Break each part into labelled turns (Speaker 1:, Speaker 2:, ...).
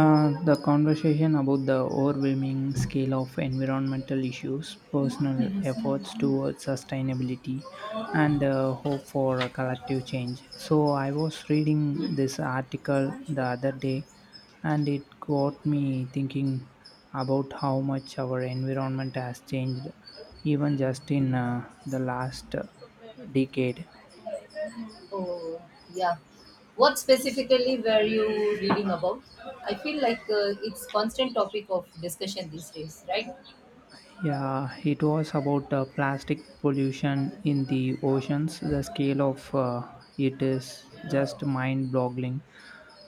Speaker 1: The conversation about the overwhelming scale of environmental issues, personal efforts towards sustainability, and hope for a collective change. So, I was reading this article the other day, and it got me thinking about how much our environment has changed, even just in the last decade.
Speaker 2: Oh, yeah. What specifically were you reading about? I feel like it's constant topic of discussion these days, right?
Speaker 1: Yeah, it was about plastic pollution in the oceans. The scale of it is just mind boggling.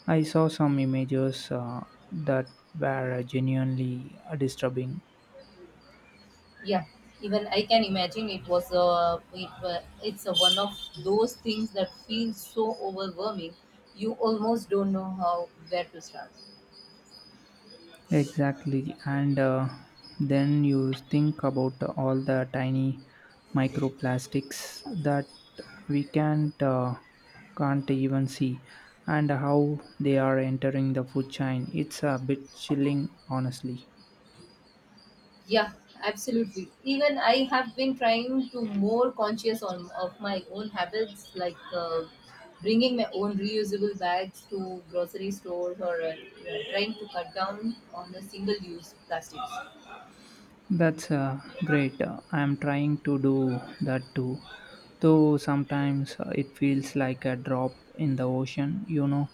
Speaker 1: I saw some images that were genuinely disturbing.
Speaker 2: Yeah. Even I can imagine it's a one of those things that feels so overwhelming. You almost don't know how where to start.
Speaker 1: Exactly. And then you think about all the tiny microplastics that we can't even see and how they are entering the food chain. It's a bit chilling, honestly.
Speaker 2: Yeah, absolutely. Even I have been trying to more conscious on of my own habits, like bringing my own reusable bags to grocery stores or trying to cut down on the single-use plastics.
Speaker 1: That's great. I'm trying to do that too. Though sometimes it feels like a drop in the ocean,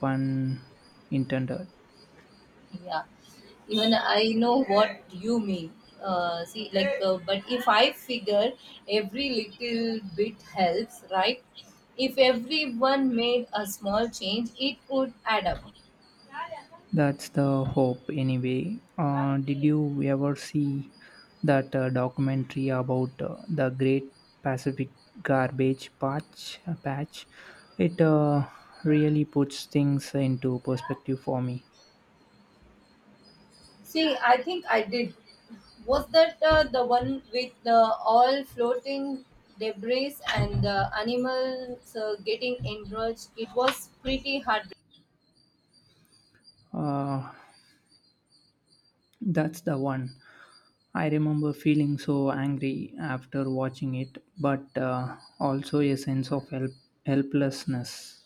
Speaker 1: pun intended.
Speaker 2: Yeah, even I know what you mean. See, but if I figure every little bit helps, right? If everyone made a small change, it would add up.
Speaker 1: That's the hope, anyway. Did you ever see that documentary about the Great Pacific Garbage Patch? It really puts things into perspective for me.
Speaker 2: See, I think I did. Was that the one with the all floating debris and the animals getting enraged? It was pretty hard.
Speaker 1: Uh, that's the one. I remember feeling so angry after watching it, but also a sense of helplessness.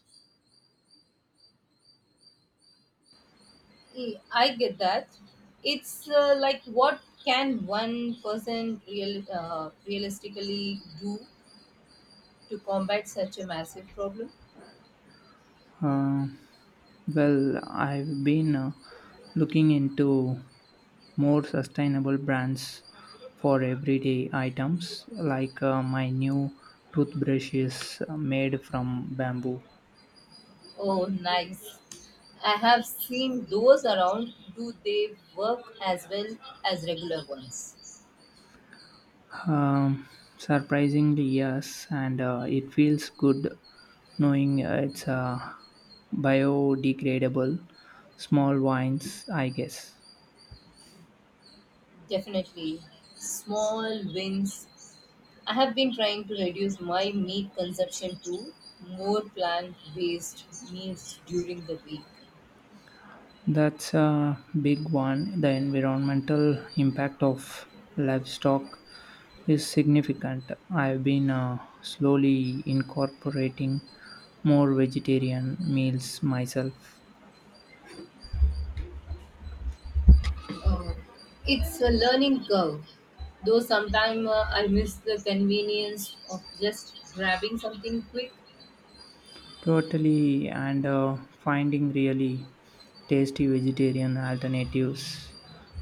Speaker 2: I get that. It's like what can one person realistically do to combat such a massive problem?
Speaker 1: Uh, well, I've been looking into more sustainable brands for everyday items like my new toothbrush is made from bamboo.
Speaker 2: Oh, nice. I have seen those around. Do they work as well as regular ones?
Speaker 1: Um, Surprisingly, yes, and it feels good knowing it's biodegradable. Small wines, I guess.
Speaker 2: Definitely. Small wins. I have been trying to reduce my meat consumption to more plant based meals during the week.
Speaker 1: That's a big one. The environmental impact of livestock is significant. I've been slowly incorporating more vegetarian meals myself.
Speaker 2: Uh, it's a learning curve, though sometimes I miss the convenience of just grabbing something quick.
Speaker 1: Totally, and finding really tasty vegetarian alternatives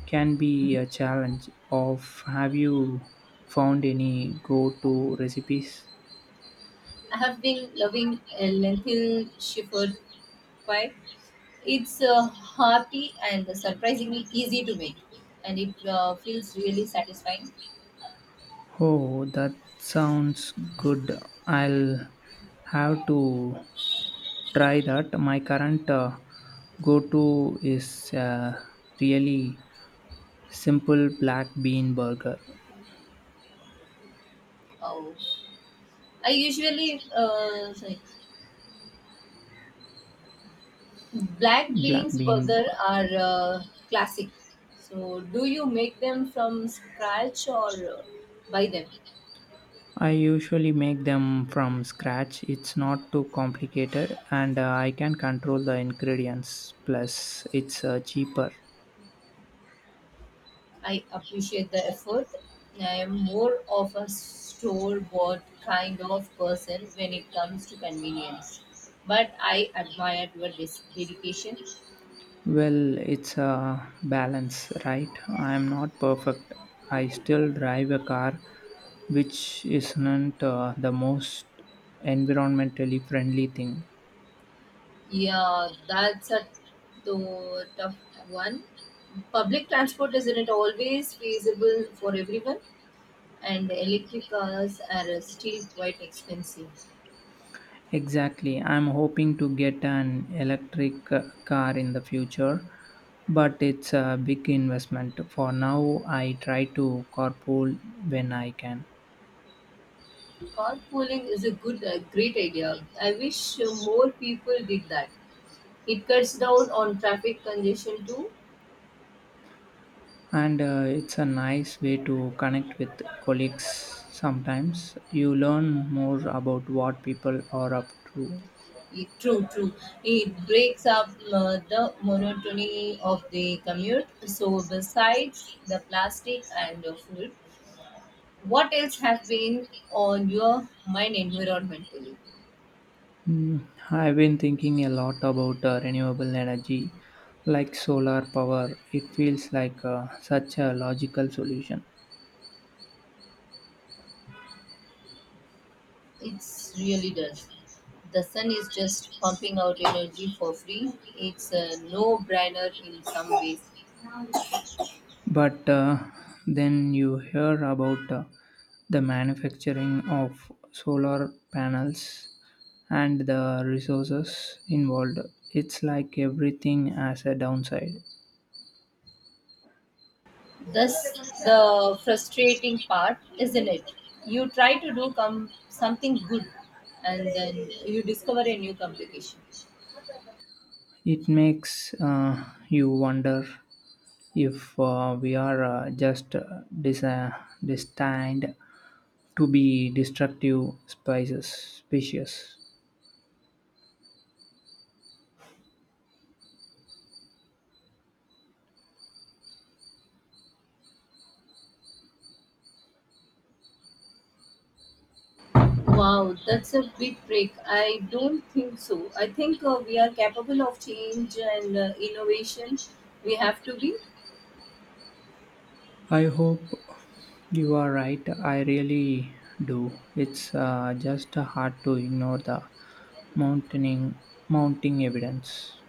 Speaker 1: can be a challenge. Of have you found any go-to recipes?
Speaker 2: I have been loving a lentil shepherd pie. It's hearty and surprisingly easy to make, and it feels really satisfying.
Speaker 1: Oh, that sounds good. I'll have to try that. My current go to is a really simple black bean burger.
Speaker 2: Oh, I usually uh, sorry, black
Speaker 1: Black
Speaker 2: beans
Speaker 1: bean
Speaker 2: burger
Speaker 1: burger.
Speaker 2: are classic. So, do you make them from scratch or buy them?
Speaker 1: I usually make them from scratch. It's not too complicated and I can control the ingredients. Plus, it's cheaper.
Speaker 2: I appreciate the effort. I am more of a store-bought kind of person when it comes to convenience, but I admire your dedication.
Speaker 1: Well, it's a balance, right? I am not perfect. I still drive a car, which isn't the most environmentally friendly thing.
Speaker 2: Yeah, that's a tough one. Public transport isn't it always feasible for everyone? And electric cars are still quite expensive.
Speaker 1: Exactly. I'm hoping to get an electric car in the future, but it's a big investment. For now, I try to carpool when I can.
Speaker 2: Carpooling is a great idea. I wish more people did that. It cuts down on traffic congestion too.
Speaker 1: And it's a nice way to connect with colleagues, sometimes you learn more about what people are up to.
Speaker 2: True, true. It breaks up the monotony of the commute. So besides the plastic and the food, what else have been on your mind environmentally?
Speaker 1: Mm, I've been thinking a lot about renewable energy like solar power. It feels like such a logical solution,
Speaker 2: It's really does. The sun is just pumping out energy for free. It's a no-brainer in some ways.
Speaker 1: but then you hear about the manufacturing of solar panels and the resources involved. It's like everything has a downside.
Speaker 2: That's the frustrating part, isn't it? You try to do something good, and then you discover a new complication.
Speaker 1: It makes you wonder if we are destined to be destructive species.
Speaker 2: Wow, that's a big break. I don't think so. I think we are capable of change and innovation. We have to be.
Speaker 1: I hope you are right. I really do. It's just hard to ignore the mounting mounting evidence.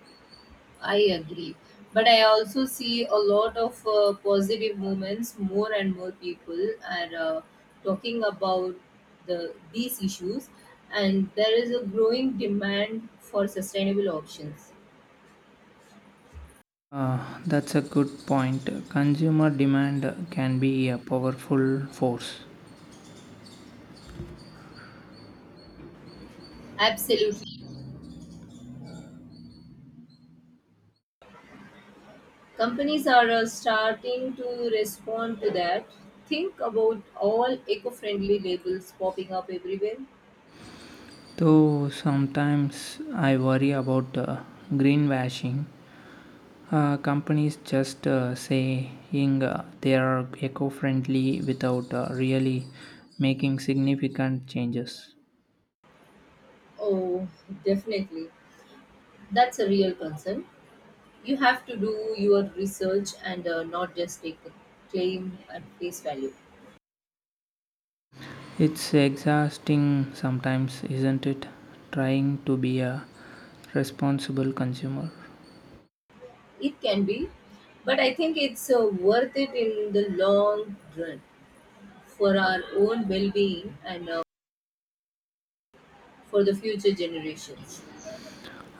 Speaker 2: I agree. But I also see a lot of positive movements. More and more people are talking about these issues, and there is a growing demand for sustainable options.
Speaker 1: That's a good point. Consumer demand can be a powerful force.
Speaker 2: Absolutely, companies are starting to respond to that. Think about all eco-friendly labels popping up everywhere.
Speaker 1: Though sometimes I worry about greenwashing, companies just saying they are eco friendly without really making significant changes.
Speaker 2: Oh, definitely, that's a real concern. You have to do your research and not just take the claim at face value.
Speaker 1: It's exhausting sometimes, isn't it? Trying to be a responsible consumer.
Speaker 2: It can be, but I think it's worth it in the long run for our own well being and for the future generations.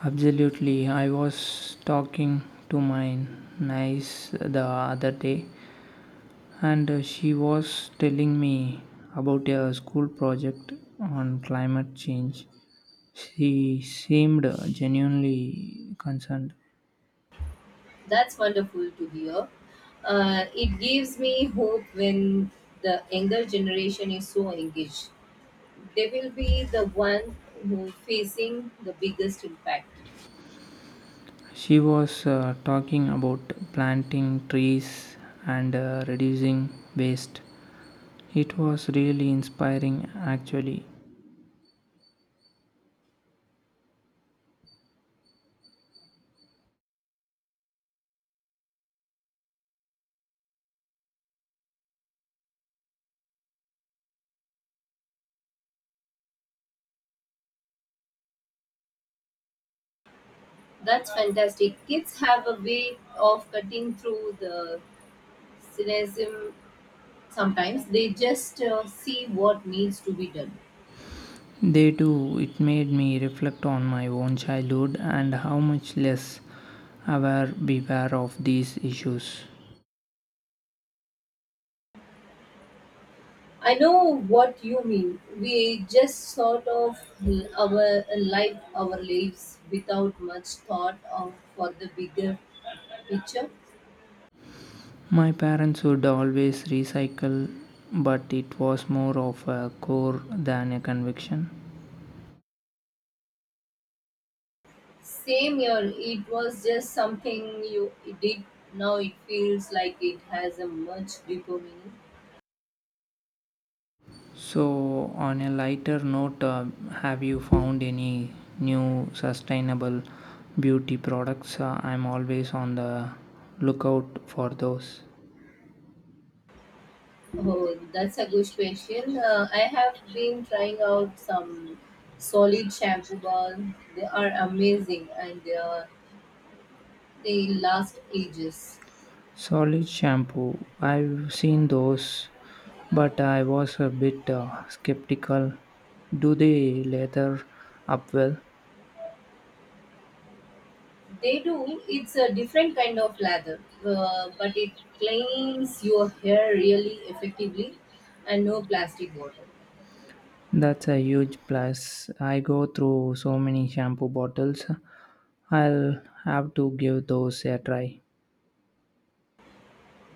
Speaker 1: Absolutely. I was talking to my niece the other day, and she was telling me about a school project on climate change. She seemed genuinely concerned.
Speaker 2: That's wonderful to hear. It gives me hope when the younger generation is so engaged. They will be the one who facing the biggest impact.
Speaker 1: She was talking about planting trees and reducing waste. It was really inspiring, actually.
Speaker 2: That's fantastic. Kids have a way of cutting through the cynicism sometimes. They just see what needs to be done.
Speaker 1: They do, it made me reflect on my own childhood and how much less aware we were of these issues.
Speaker 2: I know what you mean. We just sort of our our lives without much thought of for the bigger picture.
Speaker 1: My parents would always recycle, but it was more of a core than a conviction.
Speaker 2: Same here, it was just something you did. Now it feels like it has a much deeper meaning.
Speaker 1: So, on a lighter note, have you found any new sustainable beauty products? I'm always on the lookout for those.
Speaker 2: Oh, that's a good question. I have been trying out some solid shampoo bars. They are amazing and they last ages.
Speaker 1: Solid shampoo, I've seen those, but I was a bit skeptical. Do they lather up well?
Speaker 2: They do. It's a different kind of lather, but it cleans your hair really effectively and no plastic water.
Speaker 1: That's a huge plus. I go through so many shampoo bottles. I'll have to give those a try.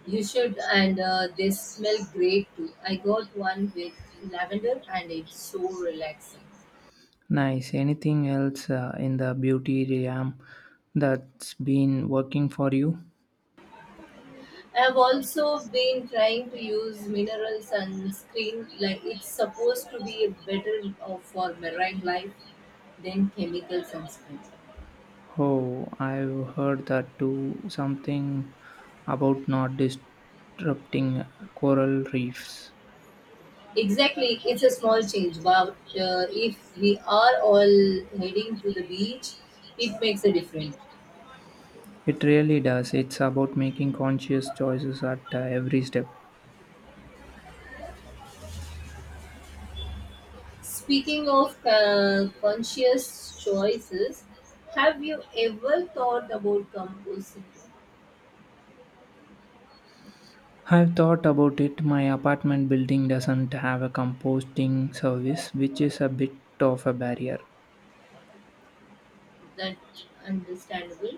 Speaker 2: You should, and they smell great too. I got one with lavender and it's so relaxing.
Speaker 1: Nice. Anything else in the beauty realm that's been working for you?
Speaker 2: I have also been trying to use mineral sunscreen, like it's supposed to be better for marine life than chemical sunscreen.
Speaker 1: Oh, I've heard that too. Something about not disrupting coral reefs.
Speaker 2: Exactly, it's a small change, but if we are all heading to the beach, it makes a difference.
Speaker 1: It really does. It's about making conscious choices at every step.
Speaker 2: Speaking of conscious choices, have you ever thought about composting?
Speaker 1: I've thought about it. My apartment building doesn't have a composting service, which is a bit of a barrier.
Speaker 2: That's understandable.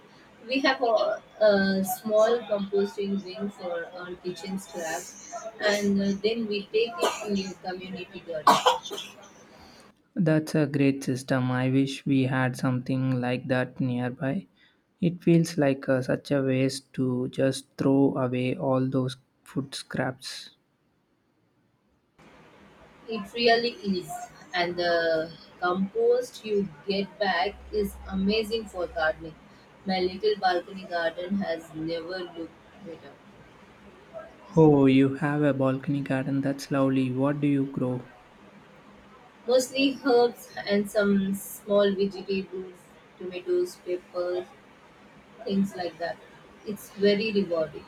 Speaker 2: We have a small composting bin for our kitchen scraps, and then we take it to a community garden.
Speaker 1: That's a great system. I wish we had something like that nearby. It feels like such a waste to just throw away all those food scraps.
Speaker 2: It really is, and the compost you get back is amazing for gardening. My little balcony garden has never looked better.
Speaker 1: Oh, you have a balcony garden. That's lovely. What do you grow?
Speaker 2: Mostly herbs and some small vegetables, tomatoes, peppers, things like that. It's very rewarding.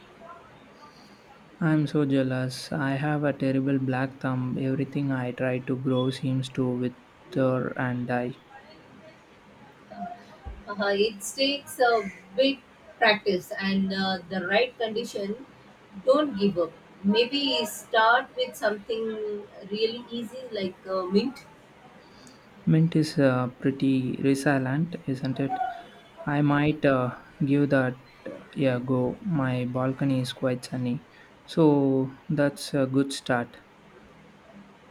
Speaker 1: I'm so jealous. I have a terrible black thumb. Everything I try to grow seems to wither and die.
Speaker 2: It takes a bit practice and the right condition. Don't give up. Maybe start with something really easy like mint.
Speaker 1: Mint is pretty resilient, isn't it? I might give that a go. My balcony is quite sunny, so that's a good start.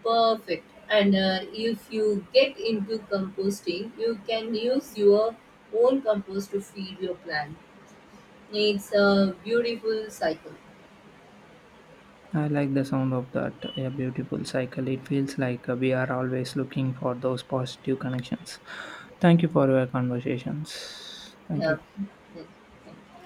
Speaker 2: Perfect. And if you get into composting, you can use your own compost to feed your plant. It's a beautiful cycle.
Speaker 1: I like the sound of that. A beautiful cycle. It feels like we are always looking for those positive connections. Thank you for your conversations. Thank
Speaker 2: Yeah.
Speaker 1: you.
Speaker 2: Yeah.